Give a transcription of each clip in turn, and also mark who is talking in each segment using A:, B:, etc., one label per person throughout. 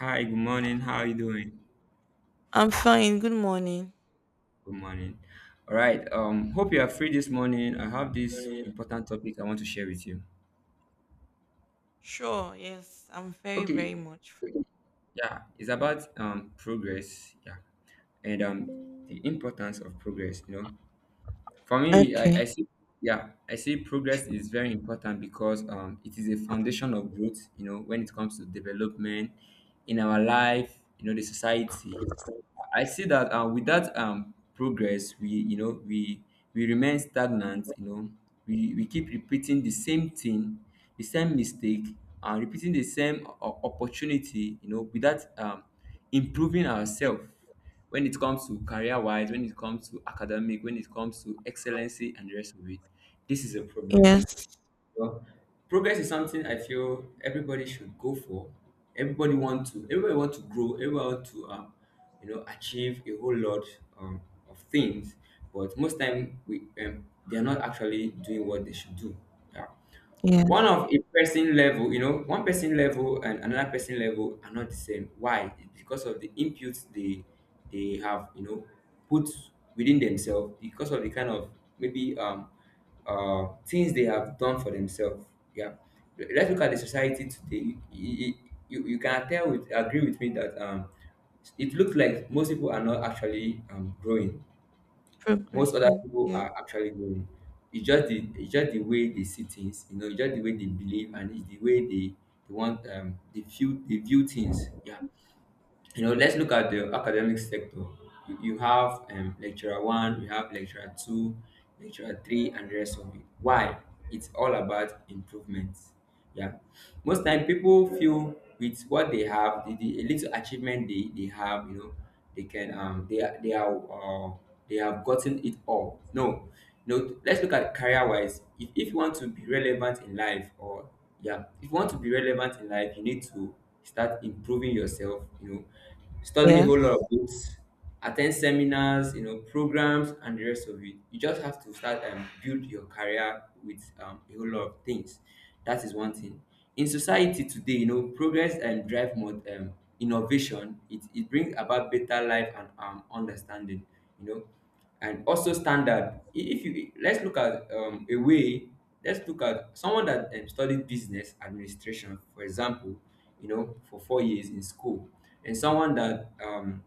A: Hi, good morning. How are you doing?
B: I'm fine. Good morning.
A: Good morning. All right. Hope you are free this morning. I have this important topic I want to share with you.
B: Sure. Yes. I'm very,
A: Okay,
B: very much free.
A: yeah, it's about progress, yeah, and the importance of progress, you know. For me, I
B: Okay.
A: see yeah, I see progress is very important because it is a foundation of growth, you know, when it comes to development in our life, you know, the society. I see that without progress, we remain stagnant, you know, we keep repeating the same thing, the same mistake, and repeating the same opportunity, you know, without improving ourselves when it comes to career wise, when it comes to academic, when it comes to excellency and the rest of it, this is a problem.
B: Yes.
A: Well, progress is something I feel everybody should go for. Everybody want to. Everybody want to grow. Everybody want to, you know, achieve a whole lot um, of things. But most time, we they are not actually doing what they should do. Yeah, one
B: Yes.
A: of a person level, you know, one person level and another person level are not the same. Why? It's because of the inputs they have, you know, put within themselves, because of the kind of maybe things they have done for themselves, yeah. Let's look at the society today. You can tell, with agree with me that it looks like most people are not actually growing. Most other
B: Progression.
A: people
B: Yes.
A: are actually doing. It's just the way they see things, you know, it's just the way they believe, and it's the way they want they feel they view things. Yeah. You know, let's look at the academic sector. You have lecturer one, you have lecturer two, lecturer three, and the rest of it. Why? It's all about improvements. Yeah. Most time people feel with what they have, the little achievement they have, you know, they can they are they are they have gotten it all. No, no. Let's look at career wise. If you want to be relevant in life, or yeah, if you want to be relevant in life, you need to start improving yourself. You know, study a whole lot
B: Yes.
A: of books, attend seminars, you know, programs and the rest of it. You just have to start and build your career with a whole lot of things. That is one thing in society today. You know, progress and drive more innovation, it brings about better life and understanding, you know, and also standard. If you, let's look at a way, let's look at someone that studied business administration, for example, you know, for 4 years in school, and someone that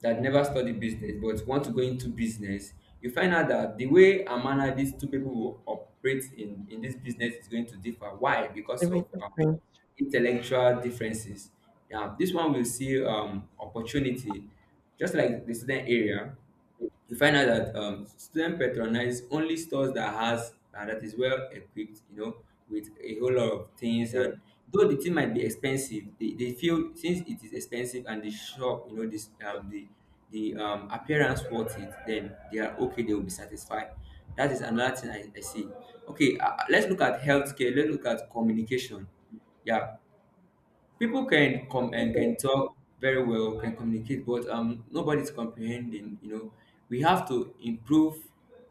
A: that never study business but want to go into business. You find out that the way and manner these two people will operate in this business is going to differ. Why?
B: To
A: Because
B: be
A: of
B: different.
A: intellectual differences. Yeah, this one will see opportunity, just like the student area. You find out that students patronize only stores that has that is well equipped, you know, with a whole lot of things. And though the thing might be expensive, they feel since it is expensive and the shop, you know, this the appearance worth it, then they are okay, they will be satisfied. That is another thing I see. Okay. Let's look at healthcare, let's look at communication. Yeah, people can come and can talk very well, can communicate, but nobody's comprehending, you know. We have to improve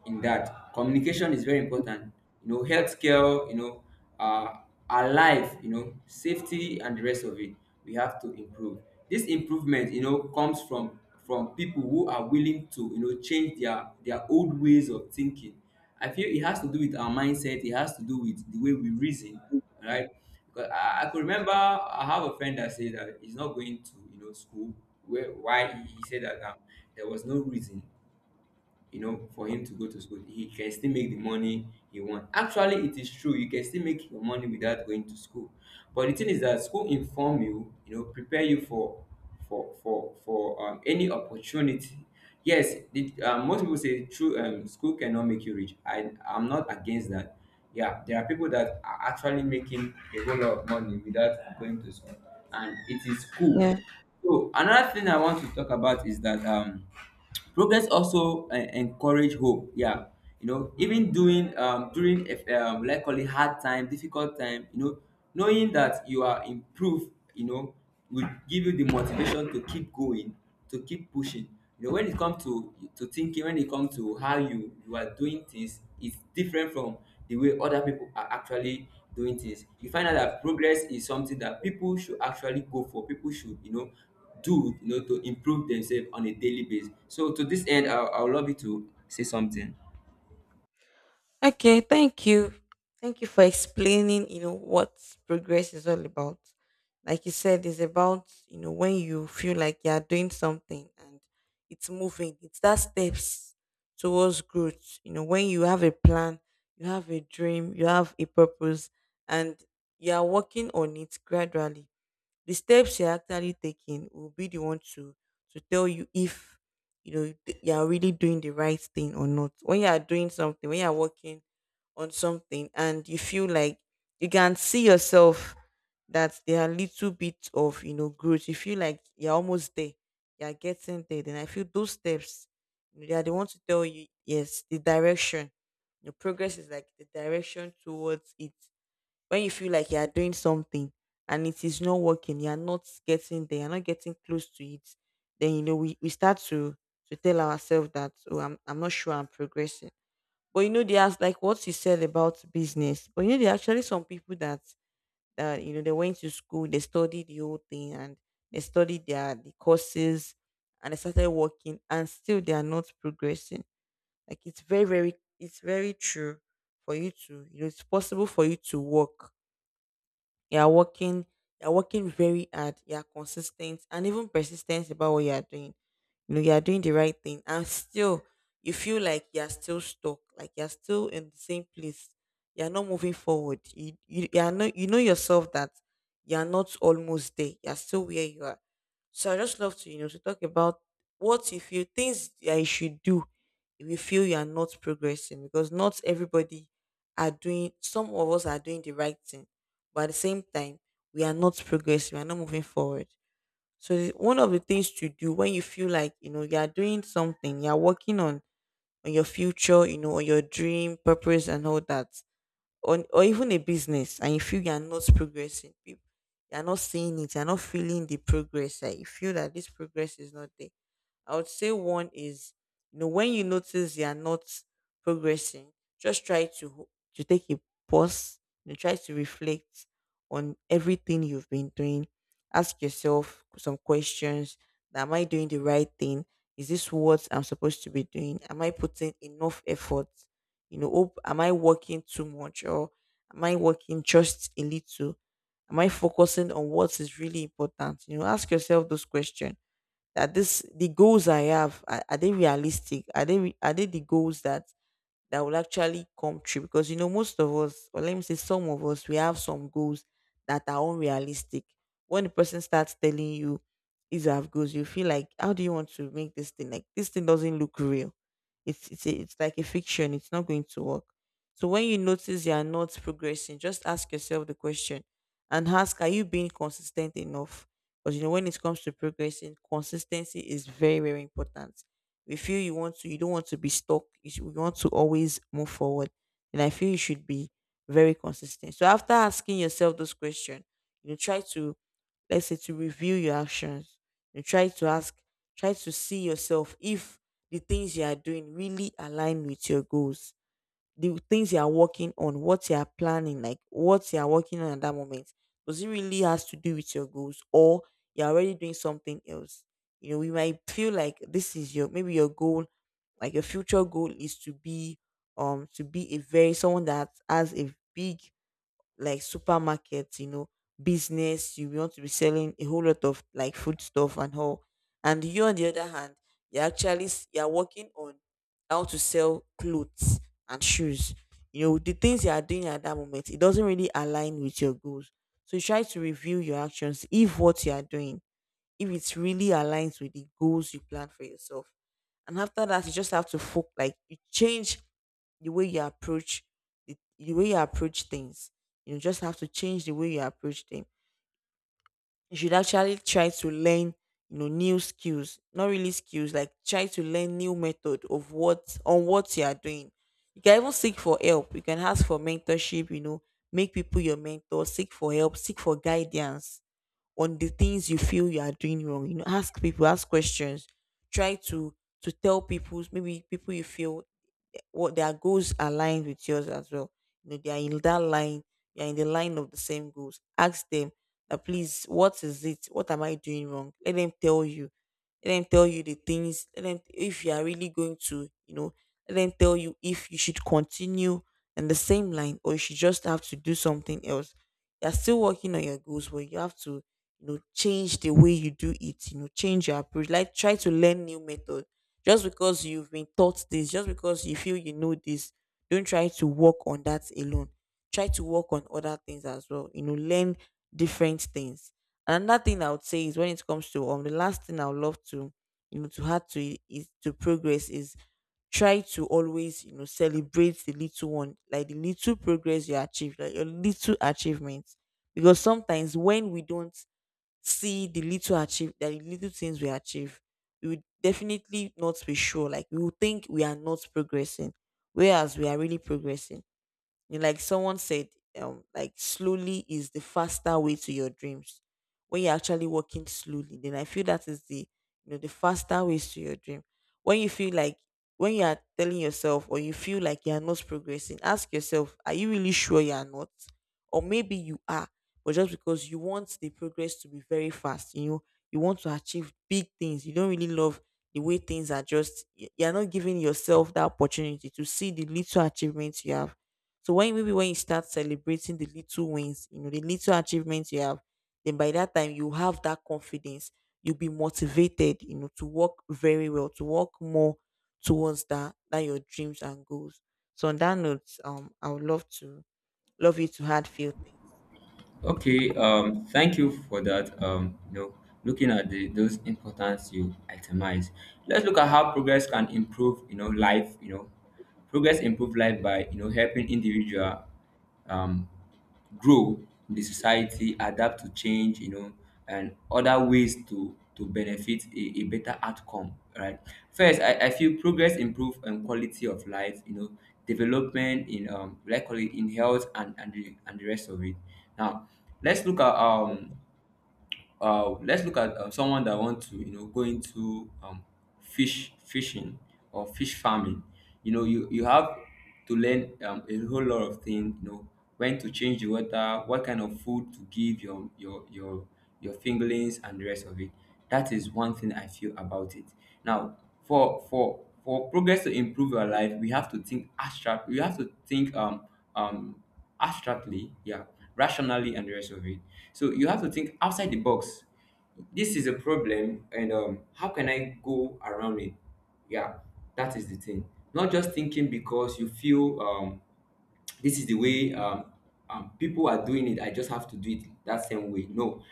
A: in that. Communication is very important, you know. Healthcare, you know, uh our life, you know, safety and the rest of it, we have to improve. This improvement, you know, comes from people who are willing to, you know, change their old ways of thinking. I feel it has to do with our mindset, it has to do with the way we reason. Right. Because I could remember I have a friend that said that he's not going to, you know, school. Where why he said that there was no reason, you know, for him to go to school. He can still make the money he want. Actually, it is true. You can still make your money without going to school. But the thing is that school inform you, you know, prepare you for any opportunity. Yes, most people say true. School cannot make you rich. I'm not against that. Yeah, there are people that are actually making a whole lot of money without going to school, and it is cool.
B: Yes.
A: So another thing I want to talk about is that progress also encourage hope. Yeah, you know, even doing during if, like call it hard time, difficult time, you know, knowing that you are improved, you know, will give you the motivation to keep going, to keep pushing. You know, when it comes to thinking, when it comes to how you are doing things, it's different from the way other people are actually doing things. You find out that progress is something that people should actually go for. People should, you know, do, you know, to improve themselves on a daily basis. So to this end, I would love you to say something.
B: Okay, thank you. Thank you for explaining, you know, what progress is all about. Like you said, it's about, you know, when you feel like you are doing something and it's moving. It's that steps towards growth. You know, when you have a plan, you have a dream, you have a purpose, and you are working on it gradually. The steps you're actually taking will be the one to tell you if you know you are really doing the right thing or not. When you are doing something, when you are working on something and you feel like you can see yourself that there are little bits of, you know, growth. You feel like you're almost there, you're getting there. Then I feel those steps, you know, they are the ones to tell you yes the direction. Your progress is like the direction towards it. When you feel like you are doing something and it is not working, you are not getting there, you're not getting close to it, then you know we start to tell ourselves that, oh, I'm not sure I'm progressing. But you know, they asked like what you said about business. But you know, there are actually some people that that you know they went to school, they studied the whole thing, and they studied the courses, and they started working, and still they are not progressing. Like it's very, very, it's very true for you to, you know, it's possible for you to work. You are working, you are working very hard. You are consistent and even persistent about what you are doing. You know, you are doing the right thing and still you feel like you're still stuck, like you're still in the same place, you're not moving forward. You you are not, you know yourself that you're not almost there, you're still where you are. So I just love to, you know, to talk about what you feel, things that you should do if you feel you are not progressing, because not everybody are doing, some of us are doing the right thing, but at the same time we are not progressing, we are not moving forward. So one of the things to do when you feel like you know you are doing something, you are working on your future, you know, on your dream, purpose, and all that, on or even a business, and you feel you are not progressing, you are not seeing it, you are not feeling the progress, like you feel that this progress is not there. I would say one is, you know, when you notice you are not progressing, just try to to take a pause. You know, try to reflect on everything you've been doing. Ask yourself some questions: Am I doing the right thing? Is this what I'm supposed to be doing? Am I putting enough effort? You know, am I working too much or am I working just a little? Am I focusing on what is really important? You know, ask yourself those questions that this, the goals I have, are they realistic? Are they are they the goals that that will actually come true? Because you know most of us, or let me say some of us, we have some goals that are unrealistic. When the person starts telling you these are goals, you feel like, how do you want to make this thing? Like this thing doesn't look real. It's like a fiction, it's not going to work. So when you notice you are not progressing, just ask yourself the question and ask, are you being consistent enough? Because you know when it comes to progressing, consistency is very, very important. We feel you want to, you don't want to be stuck, you, should, you want to always move forward. And I feel you should be very consistent. So after asking yourself this question, you try to, let's say, to review your actions. You try to ask, try to see yourself if the things you are doing really align with your goals. The things you are working on, what you are planning, like what you are working on at that moment, does it really has to do with your goals, or you're already doing something else? You know, we might feel like this is your, maybe your goal, like your future goal is to be a very someone that has a big like supermarkets, you know, business. You want to be selling a whole lot of like food stuff and all. And you on the other hand, you're actually you're working on how to sell clothes and shoes. You know, the things you are doing at that moment, it doesn't really align with your goals. So you try to review your actions if what you are doing, if it's really aligns with the goals you plan for yourself. And after that, you just have to focus. Like you change the way you approach the way you approach things. You just have to change the way you approach them. You should actually try to learn, you know, new skills. Not really skills, like try to learn new method of what on what you are doing. You can even seek for help, you can ask for mentorship. You know, make people your mentor, seek for help, seek for guidance on the things you feel you are doing wrong. You know, ask people, ask questions. Try to tell people, maybe people you feel what their goals aligned with yours as well. You know, they are in that line, they are in the line of the same goals. Ask them that, please, what is it? What am I doing wrong? Let them tell you. Let them tell you the things. Let them, if you are really going to, you know, let them tell you if you should continue in the same line or you should just have to do something else. You're still working on your goals, but you have to, you know, change the way you do it, you know, change your approach. Like try to learn new method. Just because you've been taught this, just because you feel you know this, don't try to work on that alone. Try to work on other things as well. You know, learn different things. Another thing I would say is, when it comes to the last thing I would love to, you know, to add to it is, to progress is, try to always, you know, celebrate the little one, like the little progress you achieve, like your little achievements. Because sometimes when we don't see the little achieve, the little things we achieve, we would definitely not be sure. Like we would think we are not progressing, whereas we are really progressing. You, like someone said, like, slowly is the faster way to your dreams. When you're actually walking slowly, then I feel that is the, you know, the faster ways to your dream. When you feel like, when you are telling yourself or you feel like you are not progressing, ask yourself, are you really sure you are not? Or maybe you are, but just because you want the progress to be very fast, you know, you want to achieve big things. You don't really love the way things are. Just, you're not giving yourself that opportunity to see the little achievements you have. So when, maybe when you start celebrating the little wins, you know, the little achievements you have, then by that time you have that confidence. You'll be motivated, you know, to work very well, to work more towards that your dreams and goals. So on that note, I would love to love you to add few things.
A: Okay, thank you for that. You know, looking at the, those importance you itemize. Let's look at how progress can improve, you know, life. You know, progress improve life by, you know, helping individual um, grow in the society, adapt to change, you know, and other ways to benefit a better outcome. Right. First, I feel progress improve quality of life. You know, development in likely in health and the rest of it. Now, let's look at um let's look at someone that want to, you know, go into fish fishing or fish farming. You know, you have to learn a whole lot of things. You know, when to change the water, what kind of food to give your your fingerlings and the rest of it. That is one thing I feel about it. Now, for progress to improve your life, we have to think abstract. We have to think um abstractly, yeah, rationally, and the rest of it. So you have to think outside the box. This is a problem, and how can I go around it? Yeah, that is the thing. Not just thinking because you feel this is the way people are doing it. I just have to do it that same way. No,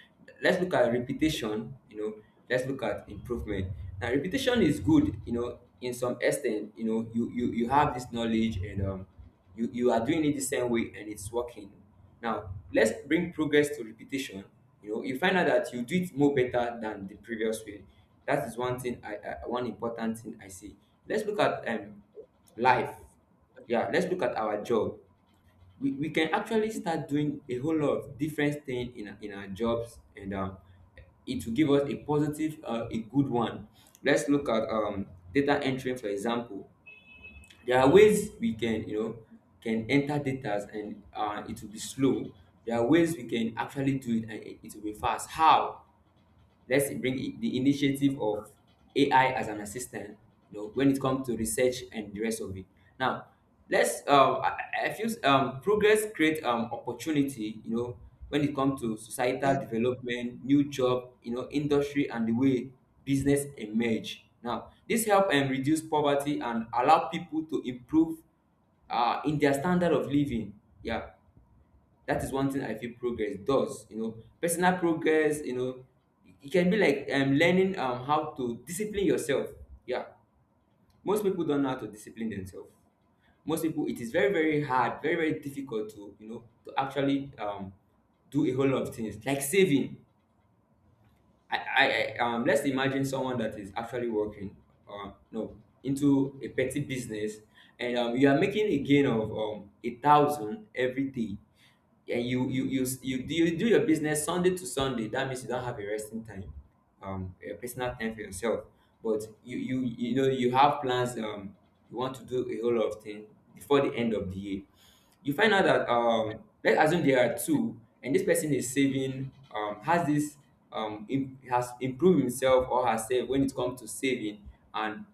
A: let's look at repetition. You know, let's look at improvement. Now, repetition is good. You know, in some extent, you know, you have this knowledge and you you are doing it the same way and it's working. Now, let's bring progress to repetition. You know, you find out that you do it more better than the previous way. That is one thing. I One important thing I see. Let's look at life, yeah, let's look at our job. We can actually start doing a whole lot of different things in, in our jobs, and it will give us a positive a good one. Let's look at data entry, for example. There are ways we can, you know, can enter data, and it will be slow. There are ways we can actually do it and it it will be fast. How? Let's bring the initiative of AI as an assistant, you know, when it comes to research and the rest of it. Now, let's I feel progress create opportunity, you know, when it comes to societal
B: Yeah.
A: development, new job, you know, industry, and the way business emerge. Now, this help and reduce poverty and allow people to improve in their standard of living. Yeah, that is one thing I feel progress does, you know. Personal progress, you know, it can be like, learning, how to discipline yourself. Yeah. Most people don't know how to discipline themselves. Most people, it is very, very hard, very, very difficult to, you know, to actually do a whole lot of things like saving. I let's imagine someone that is actually working, no, into a petty business. And you are making a gain of 1,000 every day. And
B: Yeah.
A: you do your business Sunday to Sunday. That means you don't have a resting time, a personal time for yourself. But you know you have plans. You want to do a whole lot of things before the end of the year. You find out that, let's assume there are two, and this person is saving, has this, has improved himself or herself when it comes to saving, and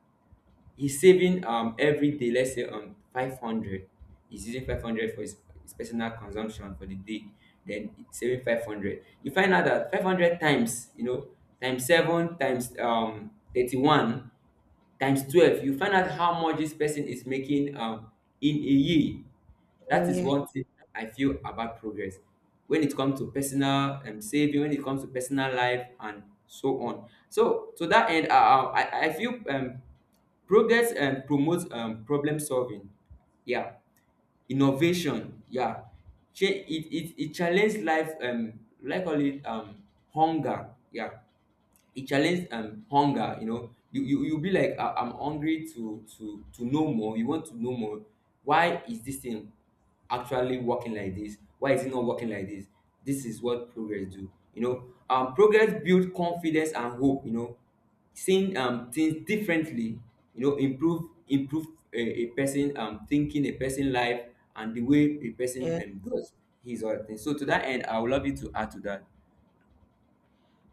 A: he's saving every day. Let's say, 500. He's using 500 for his personal consumption for the day. Then saving 500. You find out that 500 times, you know, times seven, times 31, times 12, you find out how much this person is making, in a year. That is
B: Yeah.
A: one thing I feel about progress, when it comes to personal saving, when it comes to personal life and so on. So to that end, I feel, progress promotes, problem solving, yeah, innovation, yeah. It challenges life, like all it, hunger, yeah. It challenged, hunger, you know, you be like, "I'm hungry to know more. You want to know more. Why is this thing actually working like this? Why is it not working like this? This is what progress do, you know. Progress build confidence and hope, you know, seeing things differently, you know, improve a person, thinking, a person life, and the way a person
B: Yeah.
A: does his or her things. So to that end, I would love you to add to that.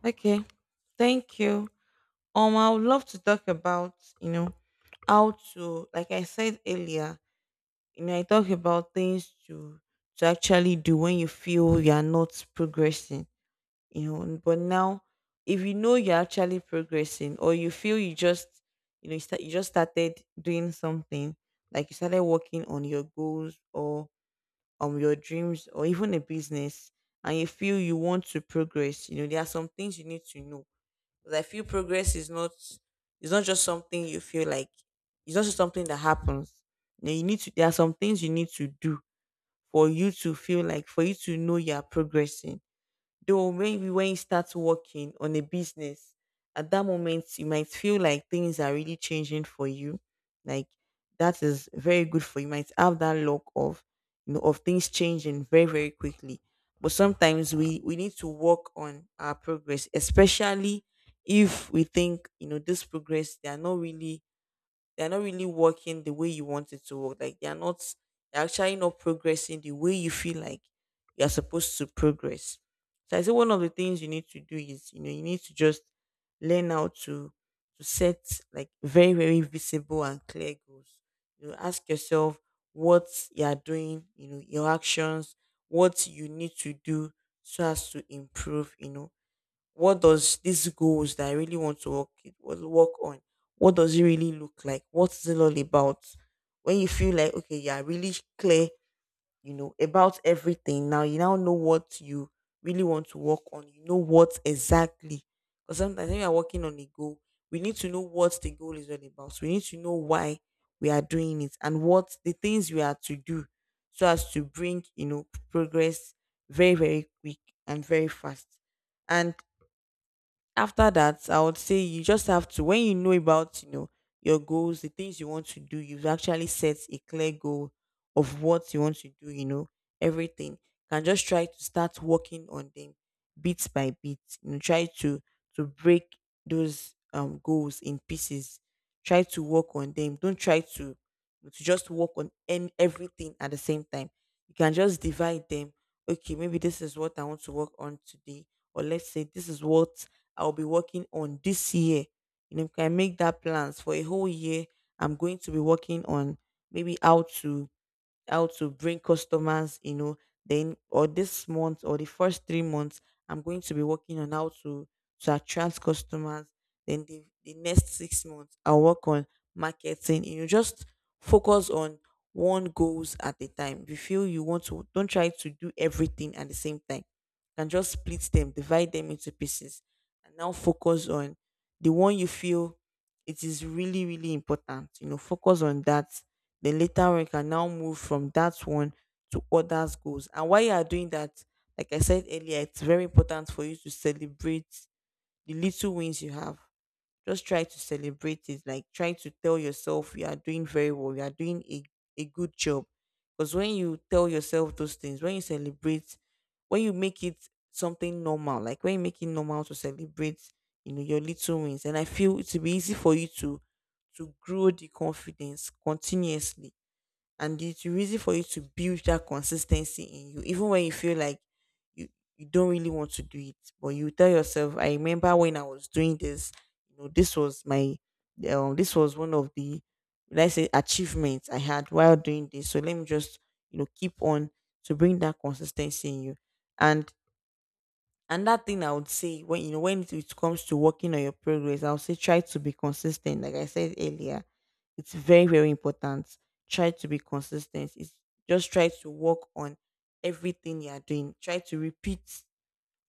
B: Okay. Thank you. I would love to talk about, you know, how to, like I said earlier, you know, I talk about things to actually do when you feel you are not progressing, you know. But now, if you know you're actually progressing, or you feel you just, you know, you, start, you just started doing something, like you started working on your goals or your dreams or even a business, and you feel you want to progress, you know, there are some things you need to know. Because I feel progress is not, it's not just something you feel like, it's not just something that happens. You, know, you need to, there are some things you need to do for you to feel like, for you to know you are progressing. Though maybe when you start working on a business, at that moment you might feel like things are really changing for you. Like that is very good for you. You might have that luck of of things changing very, very quickly. But sometimes we need to work on our progress, especially if we think, you know, this progress, they are not really they're not really working the way you want it to work. Like they're not they're actually not progressing the way you feel like you're supposed to progress. So I say one of the things you need to do is, you know, you need to just learn how to set like very, very visible and clear goals. You know, ask yourself what you are doing, you know, your actions, what you need to do so as to improve, you know, what does these goals that I really want to work on, what does it really look like? What's it all about? When you feel like okay, yeah, really clear, you know, about everything. Now you now know what you really want to work on. You know what exactly. Because sometimes when you are working on a goal, we need to know what the goal is all about. We need to know why we are doing it and what the things we are to do, so as to bring you know progress very very quick and very fast. And after that, I would say you just have to when you know about you know your goals, the things you want to do, you've actually set a clear goal of what you want to do, you know, everything. Can just try to start working on them bit by bit. You know, try to break those goals in pieces. Try to work on them. Don't try to just work on everything at the same time. You can just divide them. Okay, maybe this is what I want to work on today, or let's say this is what I'll be working on this year. You know, you can make that plans for a whole year. I'm going to be working on maybe how to bring customers, you know, then or this month or the first 3 months, I'm going to be working on how to attract customers. Then the next 6 months, I'll work on marketing. You know, just focus on one goals at a time. If you feel you want to, don't try to do everything at the same time. You can just split them, divide them into pieces, and now focus on the one you feel it is really, really important. You know, focus on that then later on, you can now move from that one to others goals. And while you are doing that, like I said earlier, it's very important for you to celebrate the little wins you have. Just try to celebrate it. Like try to tell yourself you are doing very well. You are doing a good job. Because when you tell yourself those things, when you celebrate, when you make it something normal, like when you make it normal to celebrate, you know, your little wins. And I feel it will be easy for you to grow the confidence continuously and it's easy for you to build that consistency in you even when you feel like you you don't really want to do it but you tell yourself I remember when I was doing this, you know, this was my this was one of the, let's say, achievements I had while doing this, so let me just, you know, keep on to bring that consistency in you. And another thing I would say when you know when it comes to working on your progress, I'll say try to be consistent. Like I said earlier, it's very very important. Try to be consistent. It's just try to work on everything you are doing. Try to repeat.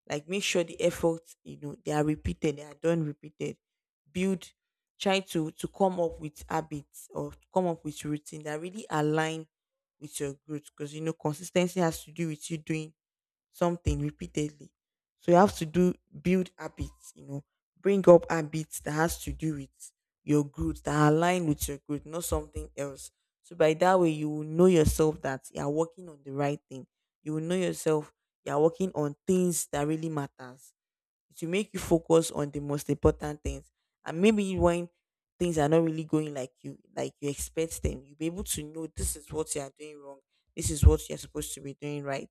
B: Like make sure the efforts you know they are repeated. They are done repeated. Build. Try to come up with habits or come up with routine that really align with your growth. Because you know consistency has to do with you doing something repeatedly. So you have to do build habits, you know, bring up habits that has to do with your growth, that align with your growth, not something else. So by that way you will know yourself that you are working on the right thing. You will know yourself you are working on things that really matters it will make you focus on the most important things. And maybe when things are not really going like you expect them, you'll be able to know this is what you are doing wrong. This is what you're supposed to be doing right.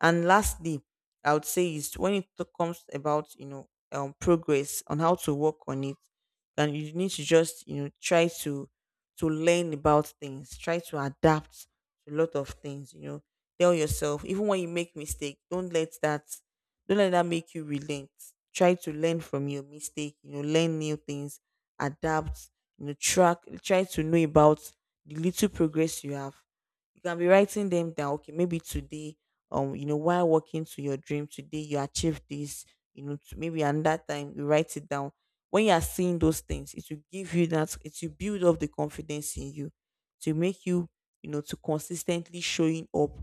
B: And lastly, I would say is when comes about, you know, progress on how to work on it, and you need to just, you know, try to learn about things, try to adapt to a lot of things, you know, tell yourself even when you make mistake don't let that make you relent. Try to learn from your mistake, you know, learn new things, adapt, you know, track, try to know about the little progress you have. You can be writing them down. Okay, maybe today, you know, while walking to your dream today, you achieved this. You know, maybe and that time you write it down. When you are seeing those things, it will give you that. It will build up the confidence in you to make you, you know, to consistently showing up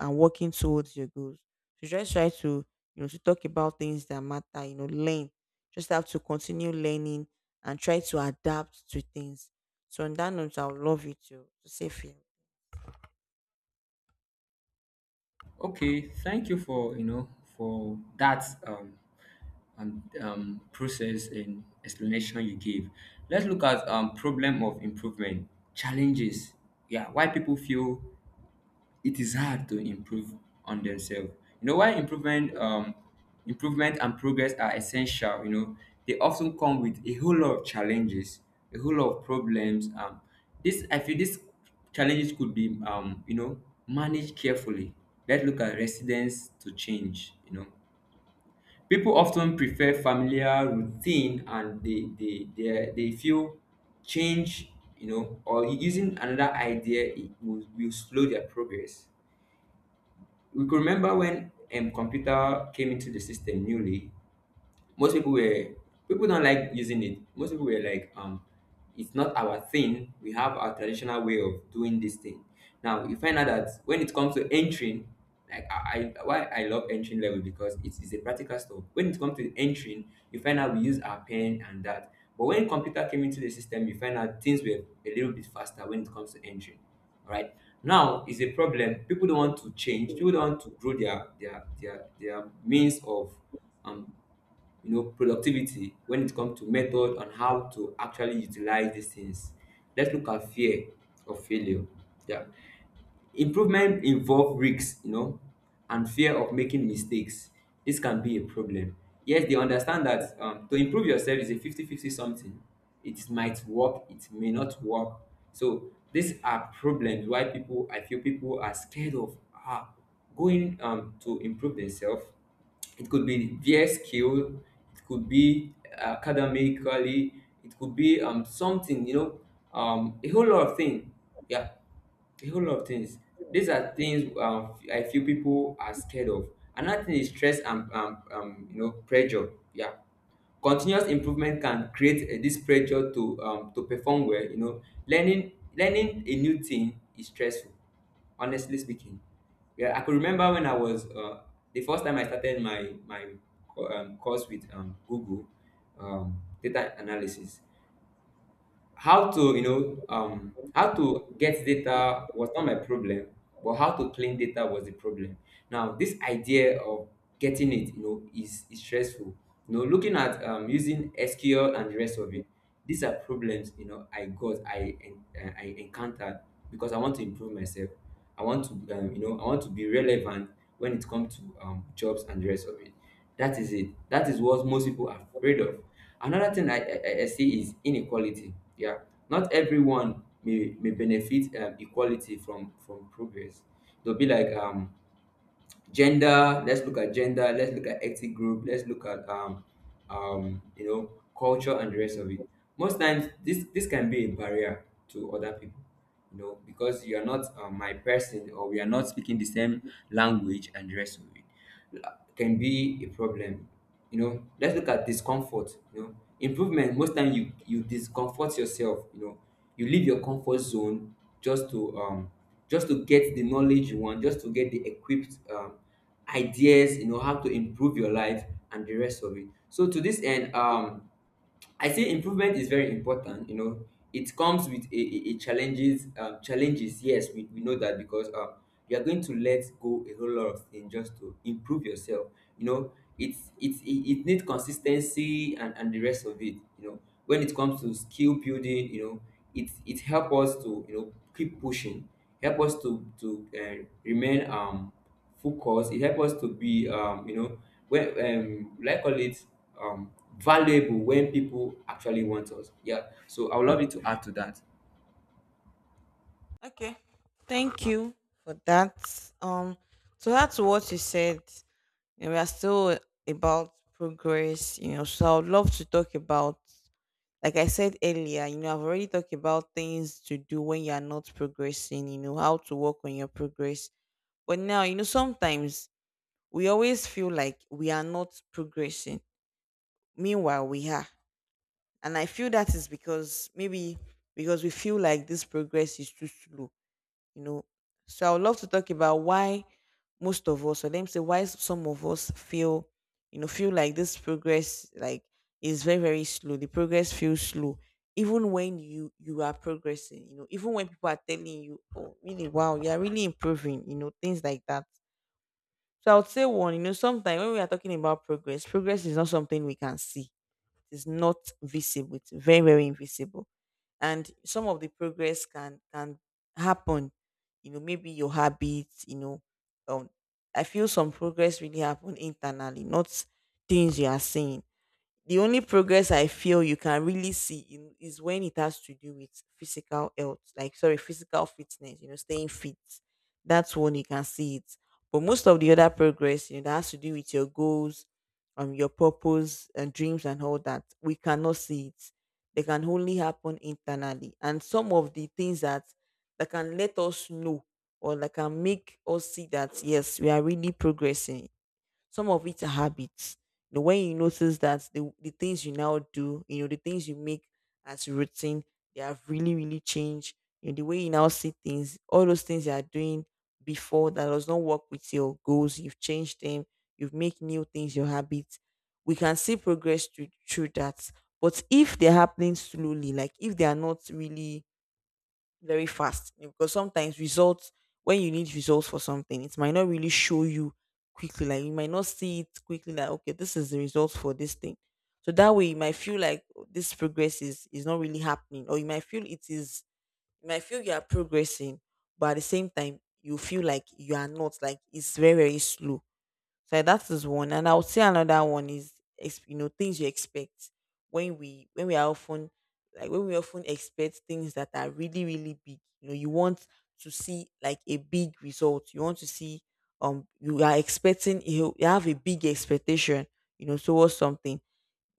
B: and working towards your goals. So just try to, you know, to talk about things that matter. You know, learn. Just have to continue learning and try to adapt to things. So on that note, I would love you to say fear.
A: Okay, thank you for, you know, for that, process and explanation you gave. Let's look at problem of improvement, challenges. Yeah, why people feel it is hard to improve on themselves. You know, while improvement, and progress are essential, you know, they often come with a whole lot of challenges, a whole lot of problems. This I feel these challenges could be, you know, managed carefully. Let's look at resilience to change. You know, people often prefer familiar routine, and they feel change. You know, or using another idea it will, slow their progress. We could remember when, computer came into the system newly. Most people were people don't like using it. Most people were like, it's not our thing. We have our traditional way of doing this thing. Now you find out that when it comes to entering, like, I why I love entering level, because it is a practical stuff. When it comes to entering, you find out we use our pen and that. But when computer came into the system, you find out things were a little bit faster when it comes to entering. All right. Now is a problem. People don't want to change. People don't want to grow their means of, um you know, productivity, when it comes to method on how to actually utilize these things. Let's look at fear of failure, yeah. Improvement involve risks, you know, and fear of making mistakes. This can be a problem. Yes, they understand that, to improve yourself is a 50 50 something. It might work, it may not work. So these are problems why people, I feel people are scared of, going, to improve themselves. It could be their skill, it could be academically, it could be something, you know, a whole lot of things, yeah, a whole lot of things. These are things, I feel people are scared of. Another thing is stress and, you know, pressure. Yeah, continuous improvement can create, this pressure to perform well. You know, learning a new thing is stressful. Honestly speaking, yeah, I could remember when I was, the first time I started my my course with, Google, data analysis. How to, you know, how to get data was not my problem, but how to clean data was the problem. Now this idea of getting it, you know, is stressful. You know, looking at, using sql and the rest of it. These are problems, you know, I encountered, because I want to improve myself. I want to, you know, I want to be relevant when it comes to, jobs and the rest of it. That is it. That is what most people are afraid of. Another thing I see is inequality. Yeah, not everyone may benefit, equality from progress. They'll be like, gender. Let's look at gender. Let's look at ethnic group. Let's look at, you know, culture and the rest of it. Most times this can be a barrier to other people. You know, because you are not, my person, or we are not speaking the same language and the rest of it, can be a problem. You know, let's look at discomfort. You know, improvement. Most time you discomfort yourself. You know, you leave your comfort zone just to, just to get the knowledge you want, just to get the equipped, ideas. You know how to improve your life and the rest of it. So to this end, I say improvement is very important. You know, it comes with a challenges. Challenges, yes, we know that, because, you are going to let go a whole lot of things just to improve yourself. You know, it needs consistency and the rest of it. You know, when it comes to skill building, you know, it help us to, you know, keep pushing, help us to remain, focus. It helps us to be, you know, when, like call it, um, valuable when people actually want us. Yeah. So I would love you to add to that.
B: Okay. Thank you for that. Um so that's what you said. You know, we are still about progress, you know. So I'd love to talk about like I said earlier, you know, I've already talked about things to do when you are not progressing, you know, how to work on your progress. But now, you know, sometimes we always feel like we are not progressing. Meanwhile, we are. And I feel that is because maybe because we feel like this progress is too slow you know. So I would love to talk about why most of us, or let me say why some of us feel, you know, feel like this progress like is very, very slow. The progress feels slow. Even when you are progressing, you know, even when people are telling you, "Oh, really, wow, you are really improving," you know, things like that. So I would say one, you know, sometimes when we are talking about progress, progress is not something we can see is not visible. It's very, very invisible. And some of the progress can happen. You know, maybe your habits, you know, um I feel some progress really happen internally, not things you are saying the only progress I feel you can really see in, is when it has to do with physical health, like sorry, physical fitness, you know, staying fit. That's when you can see it. But most of the other progress, you know, that has to do with your goals, your purpose and dreams and all that, we cannot see it. They can only happen internally. And some of the things that can let us know or that can make us see that yes, we are really progressing some of it are habits. You know, when you notice that the things you now do, you know, the things you make as routine, they have really, really changed. You know, the way you now see things, all those things you are doing before that does not work with your goals, you've changed them, you've made new things your habits. We can see progress through, through that. But if they're happening slowly, like if they are not really very fast you know, because sometimes results when you need results for something it might not really show you quickly like you might not see it quickly like okay this is the results for this thing so that way you might feel like "Oh, this progress is not really happening, or you might feel it is you might feel you are progressing but at the same time you feel like you are not like it's very very slow so yeah, that is one, and I would say another one is you know things you expect when we are often like when we often expect things that are really really big. You know, you want to see like a big result. You want to see you are expecting you have a big expectation. You know, towards something.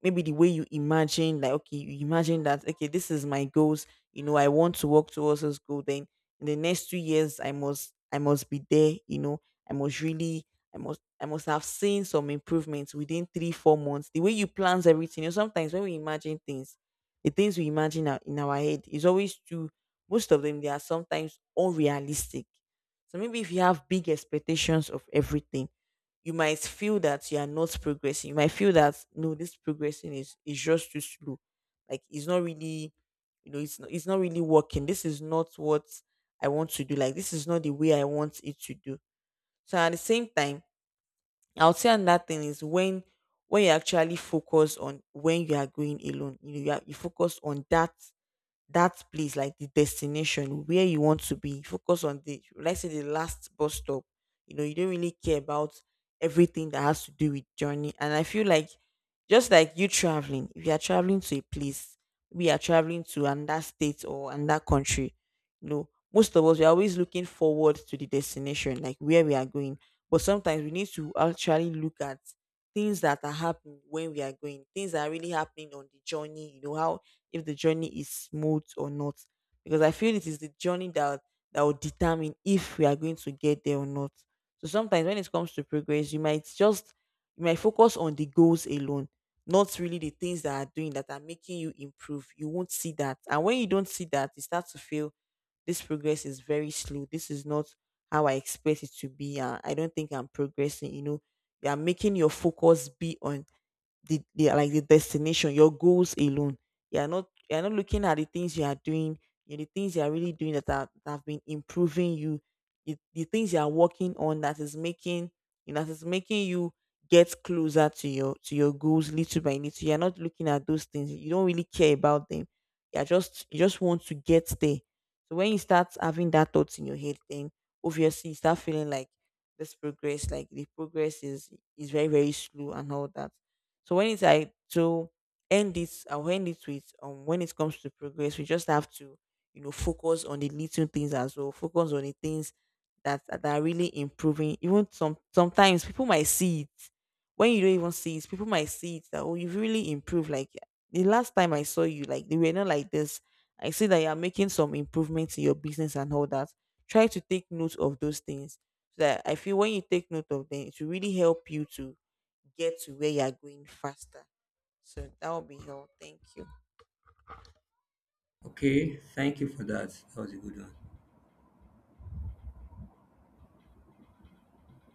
B: Maybe the way you imagine, like, okay, you imagine that, okay, this is my goals, you know, I want to work towards this goal. Then in the next 2 years, I must be there, you know. I must really i must i must have seen some improvements within 3, 4 months. The way you plans everything, you know. Sometimes when we imagine things, the things we imagine are- in our head is always too, most of them, they are sometimes unrealistic. So maybe if you have big expectations of everything, you might feel that you are not progressing. You might feel that, no, this progressing is just too slow. Like, it's not really, you know, it's not really working. This is not what I want to do. Like, this is not the way I want it to do. So at the same time, I would say another thing is, when you actually focus on, when you are going alone, you know, you focus on that place, like the destination where you want to be. Focus on the, let's say, the last bus stop. You know, you don't really care about everything that has to do with journey. And I feel like, just like you traveling, if you are traveling to a place, we are traveling to another state or another country. You know, most of us, we are always looking forward to the destination, like where we are going. But sometimes we need to actually look at things that are happening when we are going, things that are really happening on the journey. You know, how if the journey is smooth or not, because I feel it is the journey that will determine if we are going to get there or not. So sometimes, when it comes to progress, you might focus on the goals alone, not really the things that are doing, that are making you improve. You won't see that, and when you don't see that, you start to feel this progress is very slow, this is not how I expect it to be, I don't think I'm progressing, you know. You are making your focus be on the like the destination, your goals alone. You are not looking at the things you are doing, you know, the things you are really doing that are, that have been improving you, the things you are working on that is making, you know, that is making you get closer to your goals, little by little. You are not looking at those things. You don't really care about them. You just want to get there. So when you start having that thought in your head, then obviously you start feeling like this progress, like the progress is very very slow and all that. So when it's like to end this, I'll end it with, when it comes to progress, we just have to, you know, focus on the little things as well, focus on the things that are really improving. Even sometimes people might see it. When you don't even see it, people might see it that, oh, you've really improved. Like, the last time I saw you, like, you were not like this. I see that you are making some improvements in your business and all that. Try to take note of those things. So that, I feel, when you take note of them, it will really help you to get to where you're going faster. So that will be all. Thank you.
A: Okay, thank you for that. That was a good one.